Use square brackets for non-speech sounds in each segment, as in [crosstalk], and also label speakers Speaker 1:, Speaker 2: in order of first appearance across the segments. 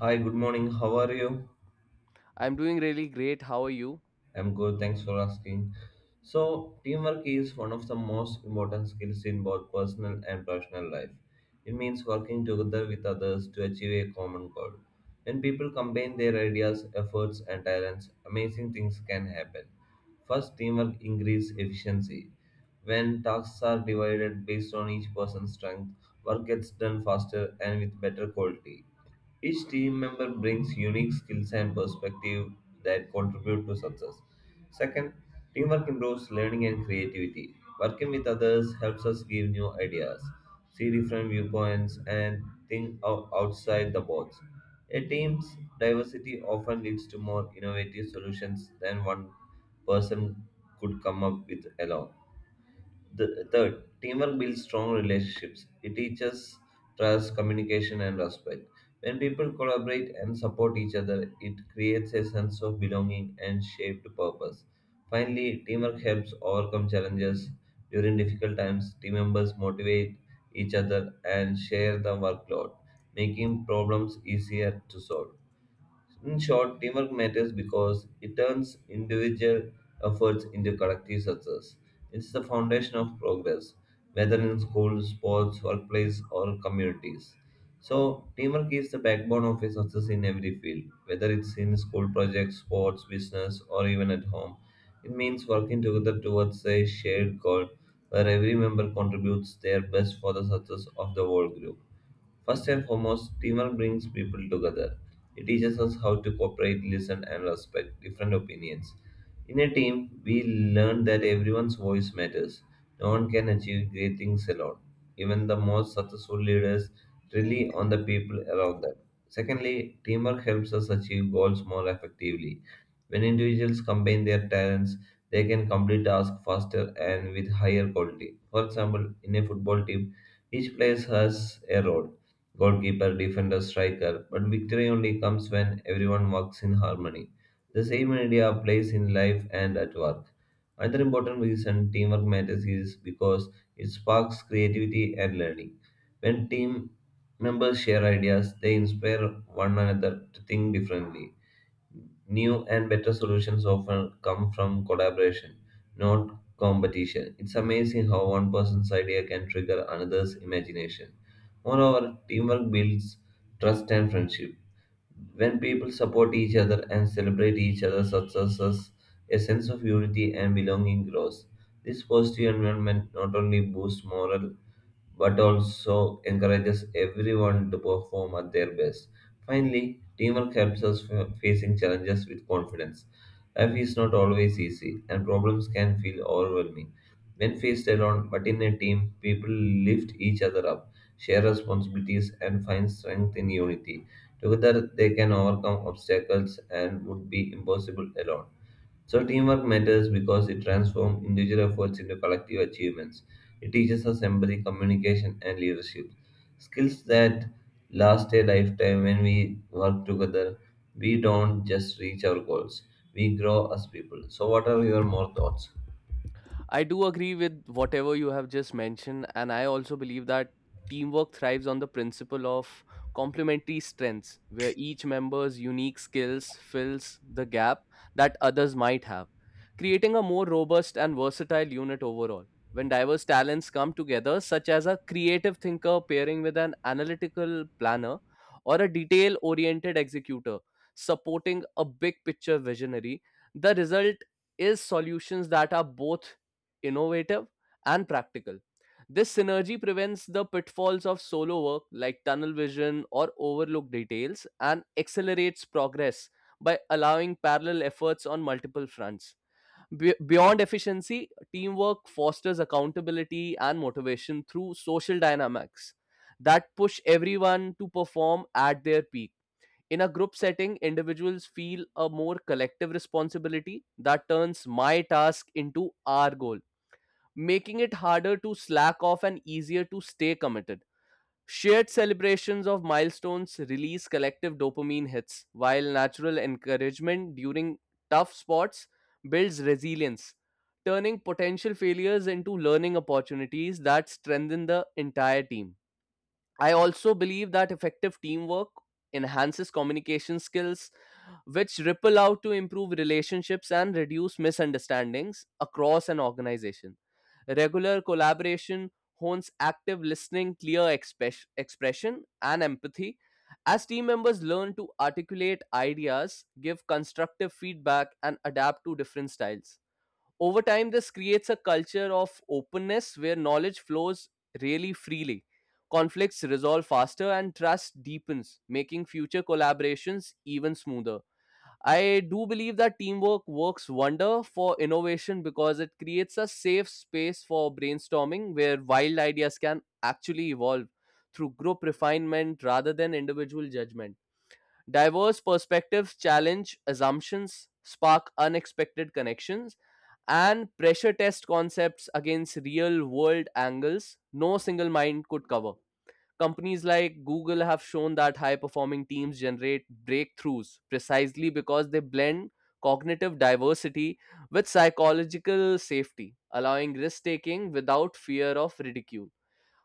Speaker 1: Hi, good morning. How are you?
Speaker 2: I'm doing really great. How are you?
Speaker 1: I'm good. Thanks for asking. So, teamwork is one of the most important skills in both personal and professional life. It means working together with others to achieve a common goal. When people combine their ideas, efforts, and talents, amazing things can happen. First, teamwork increases efficiency. When tasks are divided based on each person's strength, work gets done faster and with better quality. Each team member brings unique skills and perspective that contribute to success. Second, teamwork improves learning and creativity. Working with others helps us give new ideas, see different viewpoints, and outside the box. A team's diversity often leads to more innovative solutions than one person could come up with alone. Third, teamwork builds strong relationships. It teaches trust, communication, and respect. When people collaborate and support each other, it creates a sense of belonging and shaped purpose. Finally, teamwork helps overcome challenges. During difficult times, team members motivate each other and share the workload, making problems easier to solve. In short, teamwork matters because it turns individual efforts into collective success. It's the foundation of progress, whether in schools, sports, workplace, or communities. So, teamwork is the backbone of a success in every field, whether it's in school projects, sports, business, or even at home. It means working together towards a shared goal where every member contributes their best for the success of the whole group. First and foremost, teamwork brings people together. It teaches us how to cooperate, listen, and respect different opinions. In a team, we learn that everyone's voice matters. No one can achieve great things alone. Even the most successful leaders rely on the people around them. Secondly, teamwork helps us achieve goals more effectively. When individuals combine their talents, they can complete tasks faster and with higher quality. For example, in a football team, each player has a role: goalkeeper, defender, striker, but victory only comes when everyone works in harmony. The same idea applies in life and at work. Another important reason teamwork matters is because it sparks creativity and learning. When team members share ideas, they inspire one another to think differently. New and better solutions often come from collaboration, not competition. It's amazing how one person's idea can trigger another's imagination. Moreover, teamwork builds trust and friendship. When people support each other and celebrate each other's successes, a sense of unity and belonging grows. This positive environment not only boosts morale but also encourages everyone to perform at their best. Finally, teamwork helps us facing challenges with confidence. Life is not always easy, and problems can feel overwhelming. When faced alone, but in a team, people lift each other up, share responsibilities, and find strength in unity. Together, they can overcome obstacles and would be impossible alone. So, teamwork matters because it transforms individual efforts into collective achievements. It teaches us empathy, communication, and leadership. Skills that last a lifetime. When we work together, we don't just reach our goals, we grow as people. So, what are your more thoughts?
Speaker 2: I do agree with whatever you have just mentioned, and I also believe that teamwork thrives on the principle of complementary strengths, where each member's unique skills fills the gap that others might have, creating a more robust and versatile unit overall. When diverse talents come together, such as a creative thinker pairing with an analytical planner or a detail oriented executor supporting a big picture visionary, the result is solutions that are both innovative, and practical. This synergy prevents the pitfalls of solo work like tunnel vision or overlooked details and accelerates progress by allowing parallel efforts on multiple fronts. Beyond efficiency, teamwork fosters accountability and motivation through social dynamics that push everyone to perform at their peak. In a group setting, individuals feel a more collective responsibility that turns my task into our goal, making it harder to slack off and easier to stay committed. Shared celebrations of milestones release collective dopamine hits, while natural encouragement during tough spots builds resilience, turning potential failures into learning opportunities that strengthen the entire team. I also believe that effective teamwork enhances communication skills, which ripple out to improve relationships and reduce misunderstandings across an organization. Regular collaboration hones active listening, clear expression, and empathy. As team members learn to articulate ideas, give constructive feedback, and adapt to different styles over time, this creates a culture of openness where knowledge flows really freely. Conflicts resolve faster and trust deepens, making future collaborations even smoother. I do believe that teamwork works wonder for innovation because it creates a safe space for brainstorming where wild ideas can actually evolve through group refinement rather than individual judgment. Diverse perspectives challenge assumptions, spark unexpected connections, and pressure test concepts against real world angles no single mind could cover. Companies like Google have shown that high performing teams generate breakthroughs precisely because they blend cognitive diversity with psychological safety, allowing risk taking without fear of ridicule.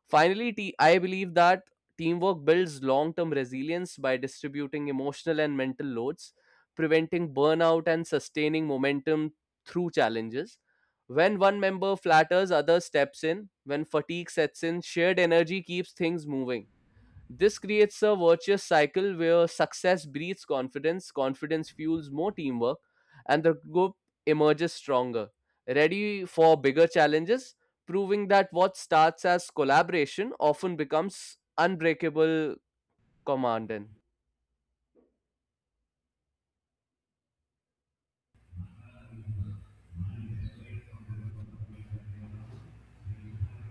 Speaker 2: Finally, I believe that teamwork builds long term resilience by distributing emotional and mental loads, preventing burnout, and sustaining momentum through challenges. When one member flatters, others steps in. When fatigue sets in, shared energy keeps things moving. This creates a virtuous cycle where success breeds confidence, confidence fuels more teamwork, and the group emerges stronger, ready for bigger challenges, proving that what starts as collaboration often becomes unbreakable command.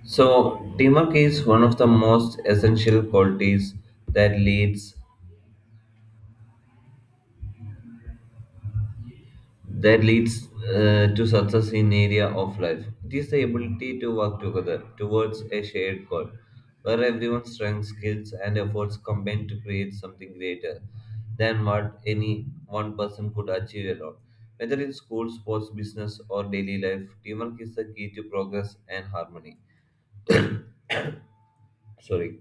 Speaker 1: So, teamwork is one of the most essential qualities that leads that leads to success in area of life. It is the ability to work together towards a shared goal, where everyone's strengths, skills, and efforts combine to create something greater than what any one person could achieve alone. Whether in school, sports, business, or daily life, teamwork is the key to progress and harmony. Sorry.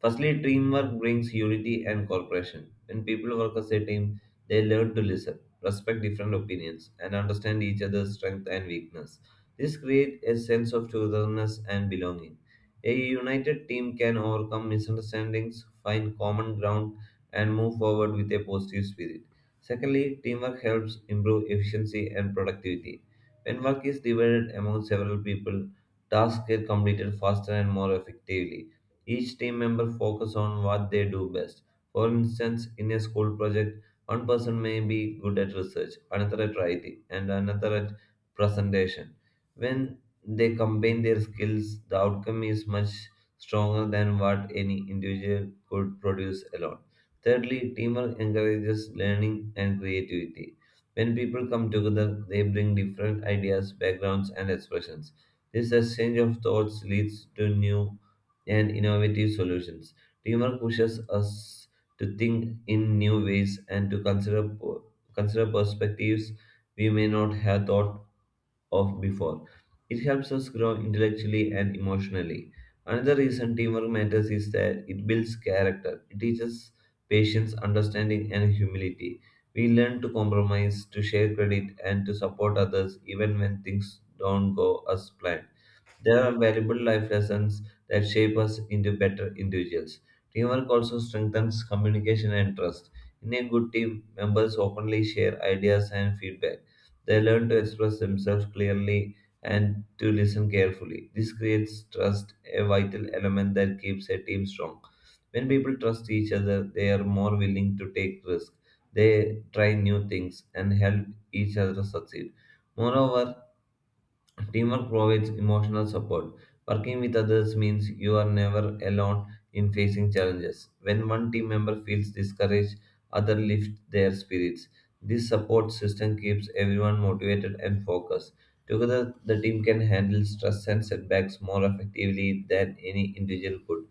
Speaker 1: Firstly, teamwork brings unity and cooperation. When people work as a team, they learn to listen, respect different opinions, and understand each other's strength and weakness. This creates a sense of togetherness and belonging. A united team can overcome misunderstandings, find common ground, and move forward with a positive spirit. Secondly, teamwork helps improve efficiency and productivity. When work is divided among several people, tasks get completed faster and more effectively. Each team member focus on what they do best. For instance, in a school project, one person may be good at research, another at writing, and another at presentation. When they combine their skills, the outcome is much stronger than what any individual could produce alone. Thirdly, teamwork encourages learning and creativity. When people come together, they bring different ideas, backgrounds, and expressions. This exchange of thoughts leads to new and innovative solutions. Teamwork pushes us to think in new ways and to consider perspectives we may not have thought of before. It helps us grow intellectually and emotionally. Another reason teamwork matters is that it builds character. It teaches patience, understanding, and humility. We learn to compromise, to share credit, and to support others even when things don't go as planned. There are valuable life lessons that shape us into better individuals. Teamwork also strengthens communication and trust. In a good team, members openly share ideas and feedback. They learn to express themselves clearly and to listen carefully. This creates trust, a vital element that keeps a team strong. When people trust each other, they are more willing to take risks. They try new things and help each other succeed. Moreover, teamwork provides emotional support. Working with others means you are never alone in facing challenges. When one team member feels discouraged, others lift their spirits. This support system keeps everyone motivated and focused. Together, the team can handle stress and setbacks more effectively than any individual could.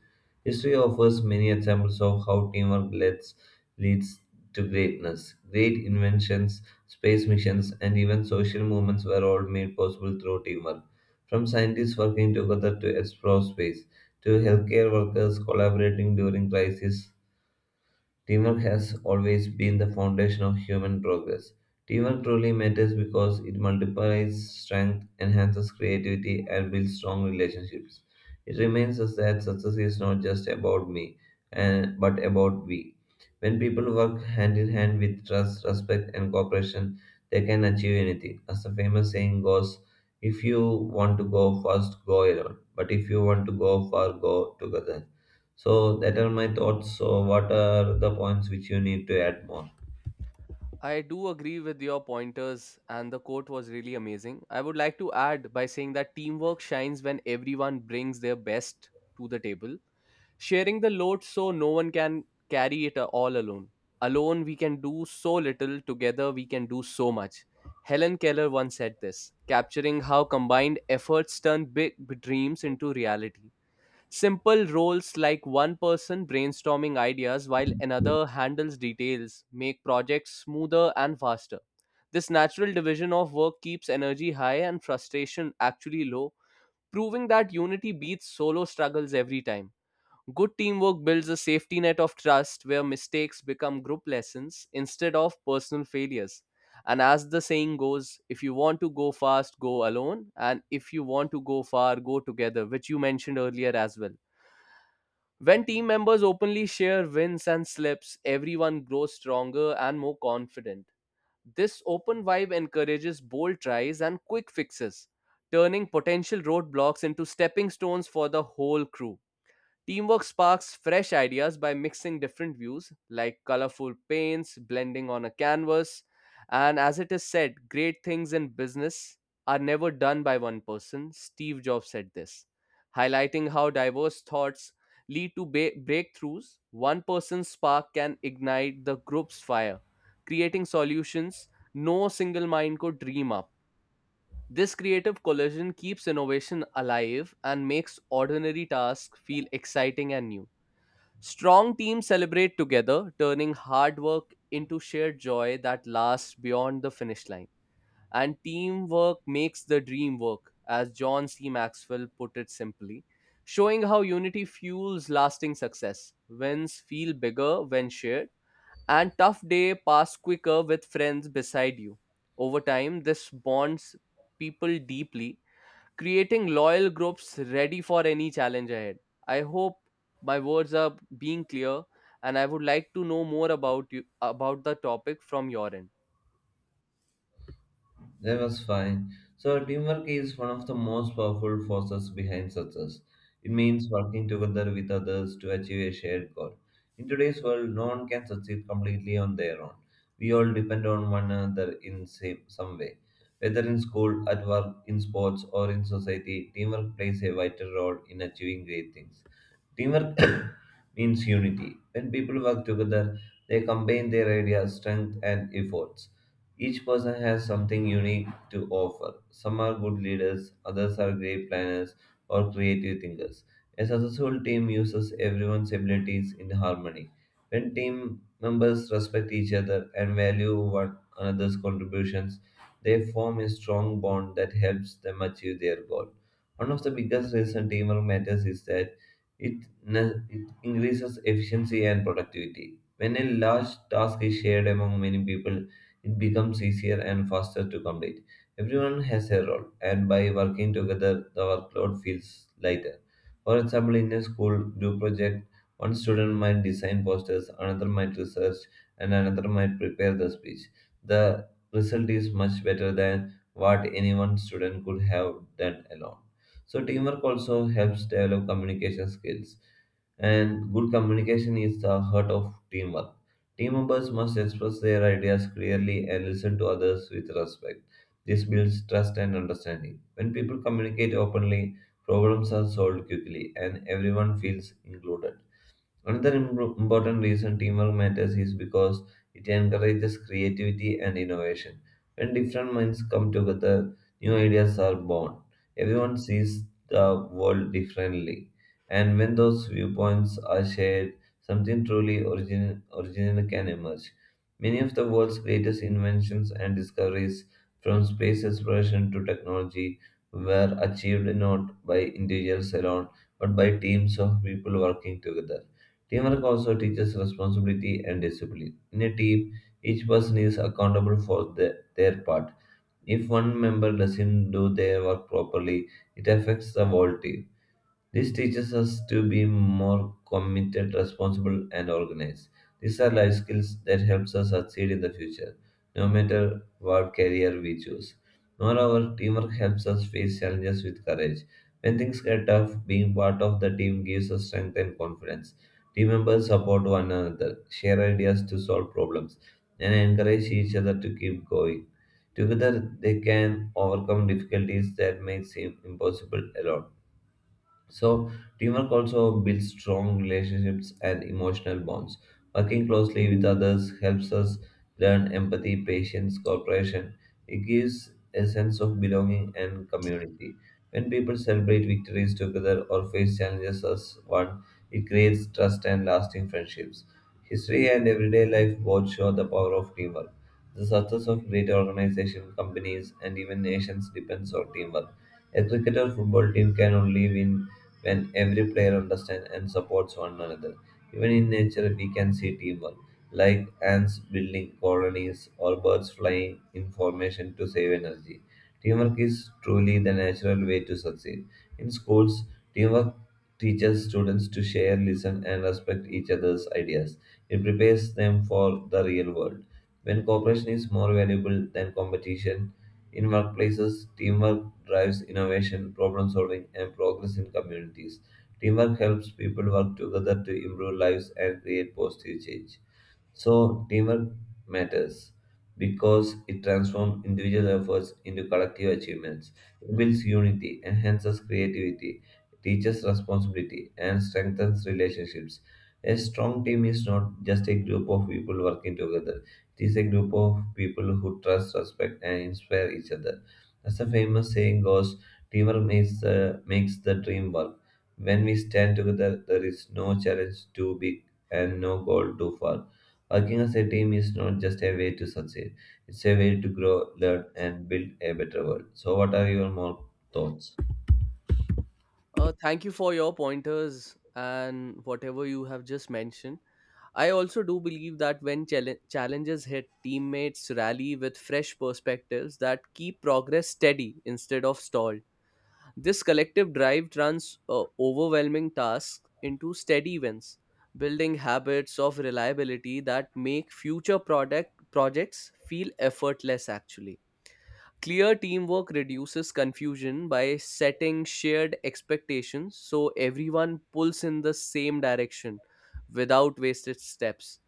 Speaker 1: History offers many examples of how teamwork leads to greatness. Great inventions, space missions, and even social movements were all made possible through teamwork. From scientists working together to explore space, to healthcare workers collaborating during crises, teamwork has always been the foundation of human progress. Teamwork truly matters because it multiplies strength, enhances creativity, and builds strong relationships. It reminds us that success is not just about me, but about we. When people work hand in hand with trust, respect, and cooperation, they can achieve anything. As the famous saying goes, if you want to go fast, go alone. But if you want to go far, go together. So that are my thoughts. So what are the points which you need to add more?
Speaker 2: I do agree with your pointers, and the quote was really amazing. I would like to add by saying that teamwork shines when everyone brings their best to the table, sharing the load so no one can carry it all alone. Alone, we can do so little, together, we can do so much. Helen Keller once said this, capturing how combined efforts turn big dreams into reality. Simple roles like one person brainstorming ideas while another handles details make projects smoother and faster. This natural division of work keeps energy high and frustration actually low, proving that unity beats solo struggles every time. Good teamwork builds a safety net of trust where mistakes become group lessons instead of personal failures. And as the saying goes, if you want to go fast, go alone. And if you want to go far, go together, which you mentioned earlier as well. When team members openly share wins and slips, everyone grows stronger and more confident. This open vibe encourages bold tries and quick fixes, turning potential roadblocks into stepping stones for the whole crew. Teamwork sparks fresh ideas by mixing different views, like colorful paints blending on a canvas. And as it is said, great things in business are never done by one person. Steve Jobs said this, highlighting how diverse thoughts lead to breakthroughs. One person's spark can ignite the group's fire, creating solutions no single mind could dream up. This creative collision keeps innovation alive and makes ordinary tasks feel exciting and new. Strong teams celebrate together, turning hard work into shared joy that lasts beyond the finish line. And teamwork makes the dream work, as John C. Maxwell put it simply, showing how unity fuels lasting success. Wins feel bigger when shared, and tough day pass quicker with friends beside you. Over time, this bonds people deeply, creating loyal groups ready for any challenge ahead. I hope my words are being clear and I would like to know more about you about the topic from your end.
Speaker 1: That was fine. So teamwork is one of the most powerful forces behind success. It means working together with others to achieve a shared goal. In today's world, no one can succeed completely on their own. We all depend on one another in some way. Whether in school, at work, in sports, or in society, teamwork plays a vital role in achieving great things. Teamwork [coughs] means unity. When people work together, they combine their ideas, strength, and efforts. Each person has something unique to offer. Some are good leaders, others are great planners or creative thinkers. A successful team uses everyone's abilities in harmony. When team members respect each other and value one another's contributions, they form a strong bond that helps them achieve their goal. One of the biggest reasons teamwork matters is that it increases efficiency and productivity. When a large task is shared among many people, it becomes easier and faster to complete. Everyone has a role, and by working together, the workload feels lighter. For example, in a school group project, one student might design posters, another might research, and another might prepare the speech. The result is much better than what any one student could have done alone. So teamwork also helps develop communication skills, and good communication is the heart of teamwork. Team members must express their ideas clearly and listen to others with respect. This builds trust and understanding. When people communicate openly, problems are solved quickly and everyone feels included. Another important reason teamwork matters is because it encourages creativity and innovation. When different minds come together, new ideas are born. Everyone sees the world differently. And when those viewpoints are shared, something truly original can emerge. Many of the world's greatest inventions and discoveries, from space exploration to technology, were achieved not by individuals alone, but by teams of people working together. Teamwork also teaches responsibility and discipline. In a team, each person is accountable for their part. If one member doesn't do their work properly, it affects the whole team. This teaches us to be more committed, responsible, and organized. These are life skills that helps us succeed in the future, no matter what career we choose. Moreover, teamwork helps us face challenges with courage. When things get tough, being part of the team gives us strength and confidence. Team members support one another, share ideas to solve problems, and encourage each other to keep going. Together, they can overcome difficulties that may seem impossible alone. So, teamwork also builds strong relationships and emotional bonds. Working closely with others helps us learn empathy, patience, cooperation. It gives a sense of belonging and community. When people celebrate victories together or face challenges as one, it creates trust and lasting friendships. History and everyday life both show the power of teamwork. The success of great organizations, companies, and even nations depends on teamwork. A cricket or football team can only win when every player understands and supports one another. Even in nature, we can see teamwork, like ants building colonies or birds flying in formation to save energy. Teamwork is truly the natural way to succeed. In schools, teamwork teaches students to share, listen, and respect each other's ideas. It prepares them for the real world. When cooperation is more valuable than competition, in workplaces, teamwork drives innovation, problem solving, and progress in communities. Teamwork helps people work together to improve lives and create positive change. So, teamwork matters because it transforms individual efforts into collective achievements. It builds unity, enhances creativity, teaches responsibility, and strengthens relationships. A strong team is not just a group of people working together, it is a group of people who trust, respect, and inspire each other. As the famous saying goes, teamwork makes the dream work. When we stand together, there is no challenge too big and no goal too far. Working as a team is not just a way to succeed, it's a way to grow, learn, and build a better world. So, what are your more thoughts?
Speaker 2: Thank you for your pointers and whatever you have just mentioned. I also do believe that when challenges hit, teammates rally with fresh perspectives that keep progress steady instead of stalled. This collective drive turns overwhelming tasks into steady wins, building habits of reliability that make future product projects feel effortless actually. Clear teamwork reduces confusion by setting shared expectations so everyone pulls in the same direction without wasted steps.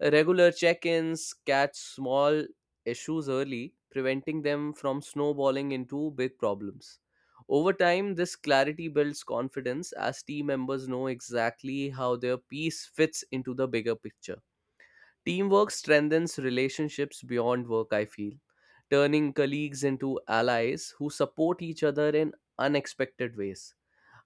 Speaker 2: Regular check ins catch small issues early, preventing them from snowballing into big problems. Over time, this clarity builds confidence as team members know exactly how their piece fits into the bigger picture. Teamwork strengthens relationships beyond work, I feel, turning colleagues into allies who support each other in unexpected ways.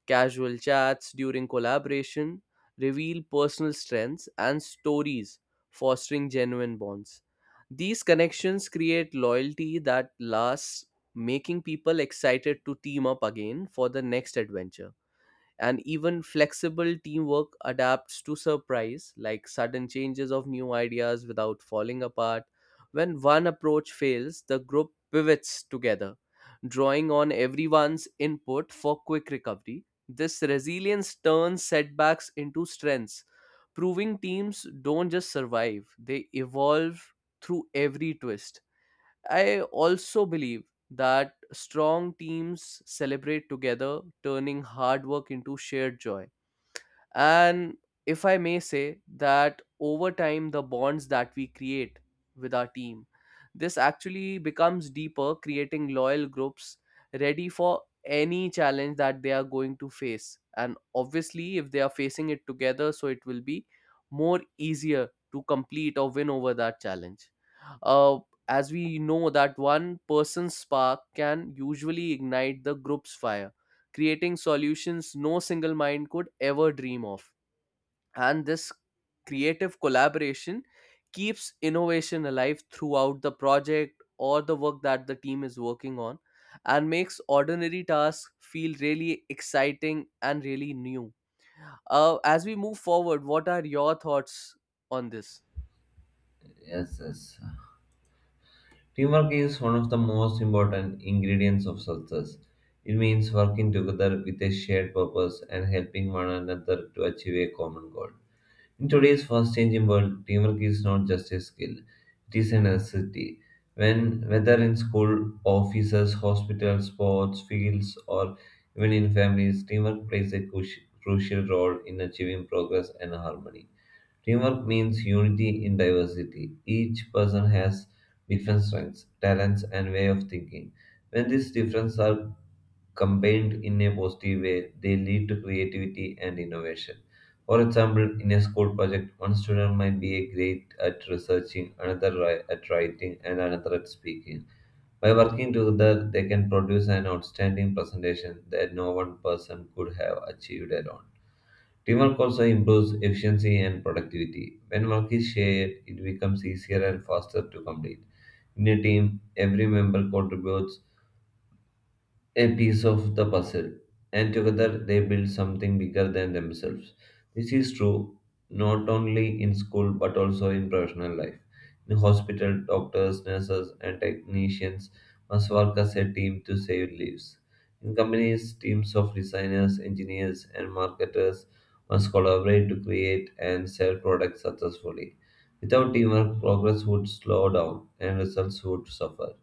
Speaker 2: Casual chats during collaboration reveal personal strengths and stories, fostering genuine bonds. These connections create loyalty that lasts, making people excited to team up again for the next adventure. And even flexible teamwork adapts to surprise like sudden changes of new ideas without falling apart. When one approach fails, the group pivots together, drawing on everyone's input for quick recovery. This resilience turns setbacks into strengths, proving teams don't just survive, they evolve through every twist. I also believe that strong teams celebrate together, turning hard work into shared joy. And if I may say that over time, the bonds that we create with our team, this actually becomes deeper, creating loyal groups ready for any challenge that they are going to face. And obviously, if they are facing it together, so it will be more easier to complete or win over that challenge. Uh, as we know that one person's spark can usually ignite the group's fire, creating solutions no single mind could ever dream of. And this creative collaboration keeps innovation alive throughout the project or the work that the team is working on, and makes ordinary tasks feel really exciting and really new. As we move forward, what are your thoughts on this?
Speaker 1: Yes, yes. Teamwork is one of the most important ingredients of success. It means working together with a shared purpose and helping one another to achieve a common goal. In today's fast changing world, teamwork is not just a skill, it is a necessity. When, whether in school, offices, hospitals, sports, fields, or even in families, teamwork plays a crucial role in achieving progress and harmony. Teamwork means unity in diversity. Each person has different strengths, talents, and way of thinking. When these differences are combined in a positive way, they lead to creativity and innovation. For example, in a school project, one student might be a great at researching, another at writing, and another at speaking. By working together, they can produce an outstanding presentation that no one person could have achieved alone. Teamwork also improves efficiency and productivity. When work is shared, it becomes easier and faster to complete. In a team, every member contributes a piece of the puzzle, and together they build something bigger than themselves. This is true not only in school but also in professional life. In hospital, doctors, nurses, and technicians must work as a team to save lives. In companies, teams of designers, engineers, and marketers must collaborate to create and sell products successfully. Without teamwork, progress would slow down and results would suffer.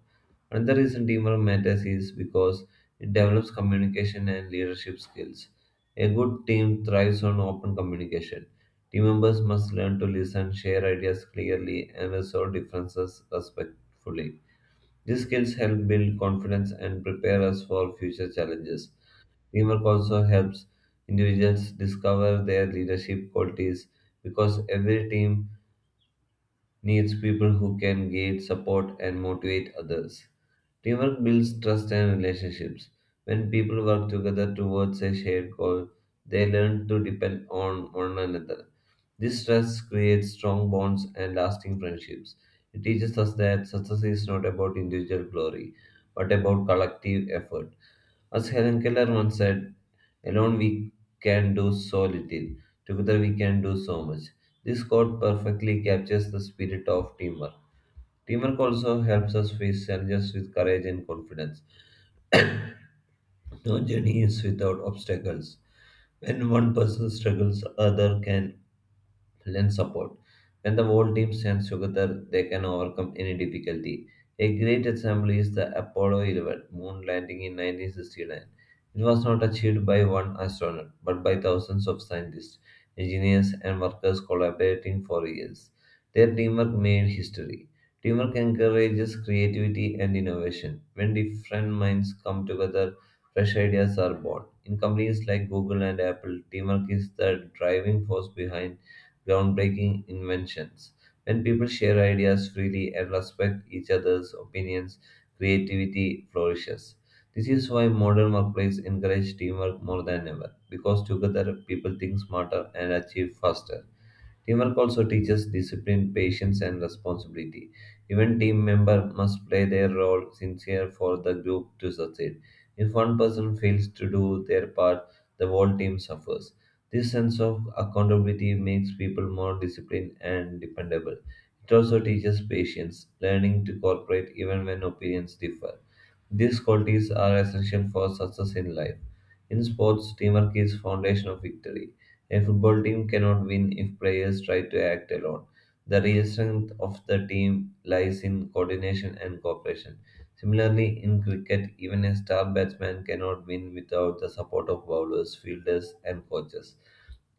Speaker 1: Another reason teamwork matters is because it develops communication and leadership skills. A good team thrives on open communication. Team members must learn to listen, share ideas clearly, and resolve differences respectfully. These skills help build confidence and prepare us for future challenges. Teamwork also helps individuals discover their leadership qualities because every team needs people who can guide, support, and motivate others. Teamwork builds trust and relationships. When people work together towards a shared goal, they learn to depend on one another. This trust creates strong bonds and lasting friendships. It teaches us that success is not about individual glory, but about collective effort. As Helen Keller once said, "Alone we can do so little, together we can do so much." This quote perfectly captures the spirit of teamwork. Teamwork also helps us face challenges with courage and confidence. No journey is without obstacles. When one person struggles, other can and support. When the whole team stands together, they can overcome any difficulty. A great example is the Apollo 11 moon landing in 1969. It was not achieved by one astronaut, but by thousands of scientists, engineers, and workers collaborating for years. Their teamwork made history. Teamwork encourages creativity and innovation. When different minds come together, fresh ideas are born. In companies like Google and Apple, teamwork is the driving force behind groundbreaking inventions. When people share ideas freely and respect each other's opinions, creativity flourishes. This is why modern workplaces encourage teamwork more than ever, because together people think smarter and achieve faster. Teamwork also teaches discipline, patience, and responsibility. Even team member must play their role sincere for the group to succeed. If one person fails to do their part, the whole team suffers. This sense of accountability makes people more disciplined and dependable. It also teaches patience, learning to cooperate even when opinions differ. These qualities are essential for success in life. In sports, teamwork is foundation of victory. A football team cannot win if players try to act alone. The real strength of the team lies in coordination and cooperation. Similarly, in cricket, even a star batsman cannot win without the support of bowlers, fielders, and coaches.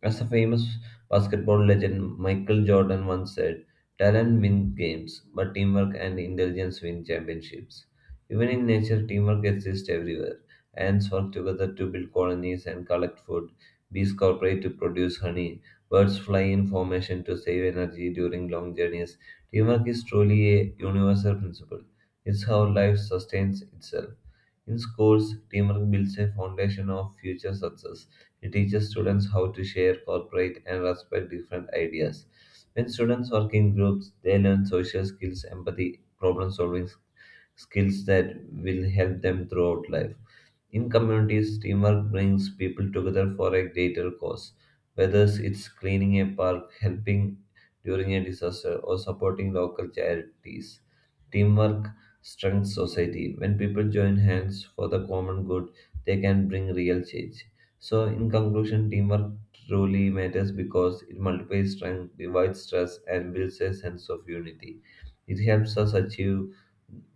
Speaker 1: As the famous basketball legend Michael Jordan once said, "Talent wins games, but teamwork and intelligence win championships." Even in nature, teamwork exists everywhere. Ants work together to build colonies and collect food. Bees cooperate to produce honey. Birds fly in formation to save energy during long journeys. Teamwork is truly a universal principle. It's how life sustains itself. In schools, teamwork builds a foundation of future success. It teaches students how to share, cooperate, and respect different ideas. When students work in groups, they learn social skills, empathy, problem solving skills that will help them throughout life. In communities, teamwork brings people together for a greater cause, whether it's cleaning a park, helping during a disaster, or supporting local charities. Teamwork strengthens society. When people join hands for the common good, they can bring real change. So, in conclusion, teamwork truly matters because it multiplies strength, divides stress, and builds a sense of unity. It helps us achieve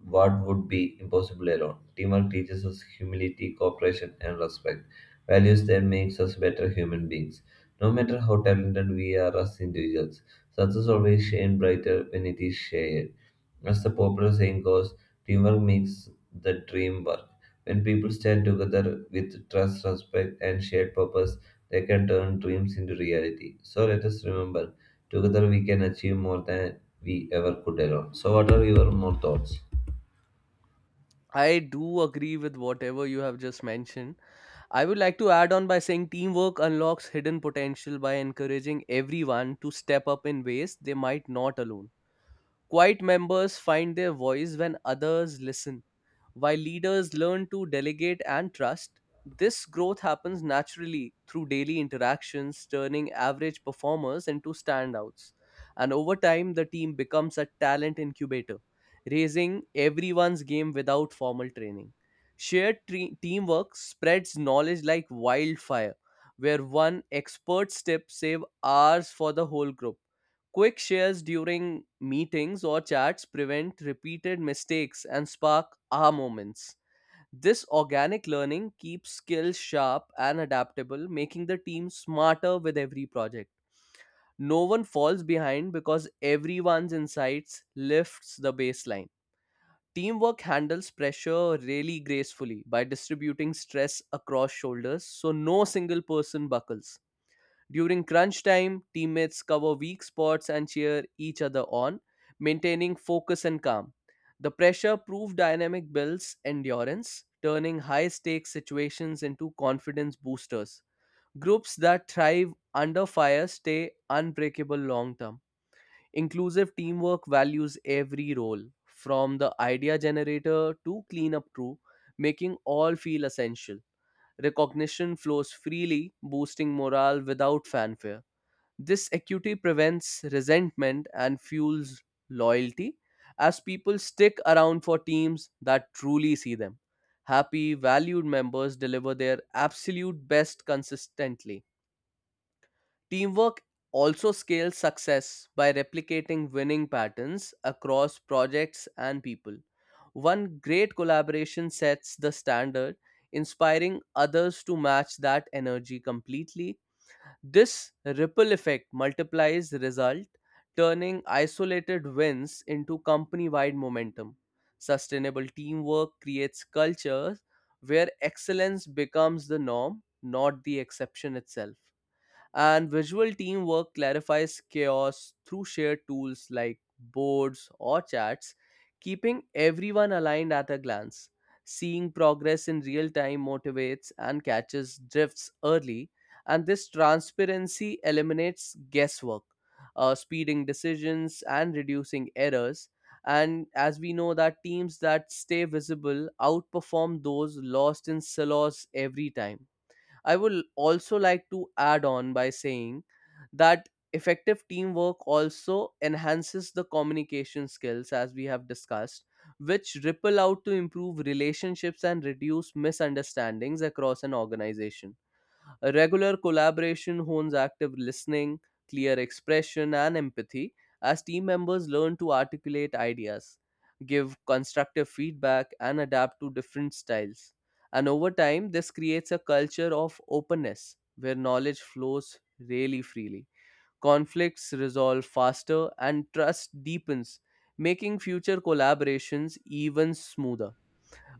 Speaker 1: what would be impossible alone. Teamwork teaches us humility, cooperation, and respect, values that makes us better human beings. No matter how talented we are as individuals, success always shines brighter when it is shared. As the popular saying goes, teamwork makes the dream work. When people stand together with trust, respect, and shared purpose, they can turn dreams into reality. So let us remember, together we can achieve more than we ever could alone. So, what are your more thoughts?
Speaker 2: I do agree with whatever you have just mentioned. I would like to add on by saying teamwork unlocks hidden potential by encouraging everyone to step up in ways they might not alone. Quiet members find their voice when others listen. While leaders learn to delegate and trust, this growth happens naturally through daily interactions, turning average performers into standouts. And over time, the team becomes a talent incubator, raising everyone's game without formal training. Teamwork spreads knowledge like wildfire, where one expert's tip saves hours for the whole group. Quick shares during meetings or chats prevent repeated mistakes and spark aha moments. This organic learning keeps skills sharp and adaptable, making the team smarter with every project. No one falls behind because everyone's insights lifts the baseline. Teamwork handles pressure really gracefully by distributing stress across shoulders so no single person buckles. During crunch time, teammates cover weak spots and cheer each other on, maintaining focus and calm. The pressure proof dynamic builds endurance, turning high stakes situations into confidence boosters. Groups that thrive under fire stay unbreakable long term. Inclusive teamwork values every role, from the idea generator to cleanup crew, making all feel essential. Recognition flows freely, boosting morale without fanfare. This equity prevents resentment and fuels loyalty as people stick around for teams that truly see them. Happy, valued members deliver their absolute best consistently. Teamwork also scales success by replicating winning patterns across projects and people. One great collaboration sets the standard, inspiring others to match that energy completely. This ripple effect multiplies the result, turning isolated wins into company wide momentum. Sustainable teamwork creates cultures where excellence becomes the norm, not the exception itself. And visual teamwork clarifies chaos through shared tools like boards or chats, keeping everyone aligned at a glance. Seeing progress in real time motivates and catches drifts early, and this transparency eliminates guesswork, speeding decisions and reducing errors. And as we know that teams that stay visible outperform those lost in silos every time. I would also like to add on by saying that effective teamwork also enhances the communication skills, as we have discussed, which ripple out to improve relationships and reduce misunderstandings across an organization. A regular collaboration hones active listening, clear expression, and empathy as team members learn to articulate ideas, give constructive feedback, and adapt to different styles. And over time, this creates a culture of openness where knowledge flows really freely. Conflicts resolve faster and trust deepens, making future collaborations even smoother.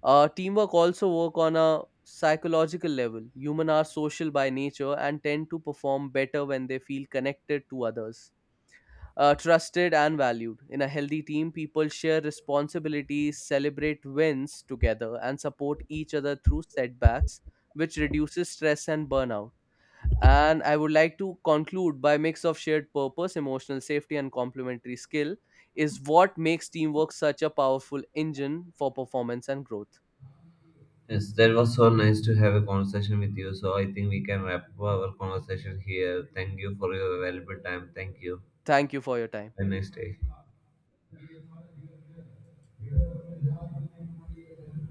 Speaker 2: Teamwork also work on a psychological level. Humans are social by nature and tend to perform better when they feel connected to others, trusted and valued. In a healthy team, people share responsibilities, celebrate wins together, and support each other through setbacks, which reduces stress and burnout. And I would like to conclude by mix of shared purpose, emotional safety, and complementary skill is what makes teamwork such a powerful engine for performance and growth.
Speaker 1: Yes, that was so nice to have a conversation with you. So, I think we can wrap up our conversation here. Thank you for your valuable time. Thank you.
Speaker 2: Thank you for your time.
Speaker 1: Have a nice day.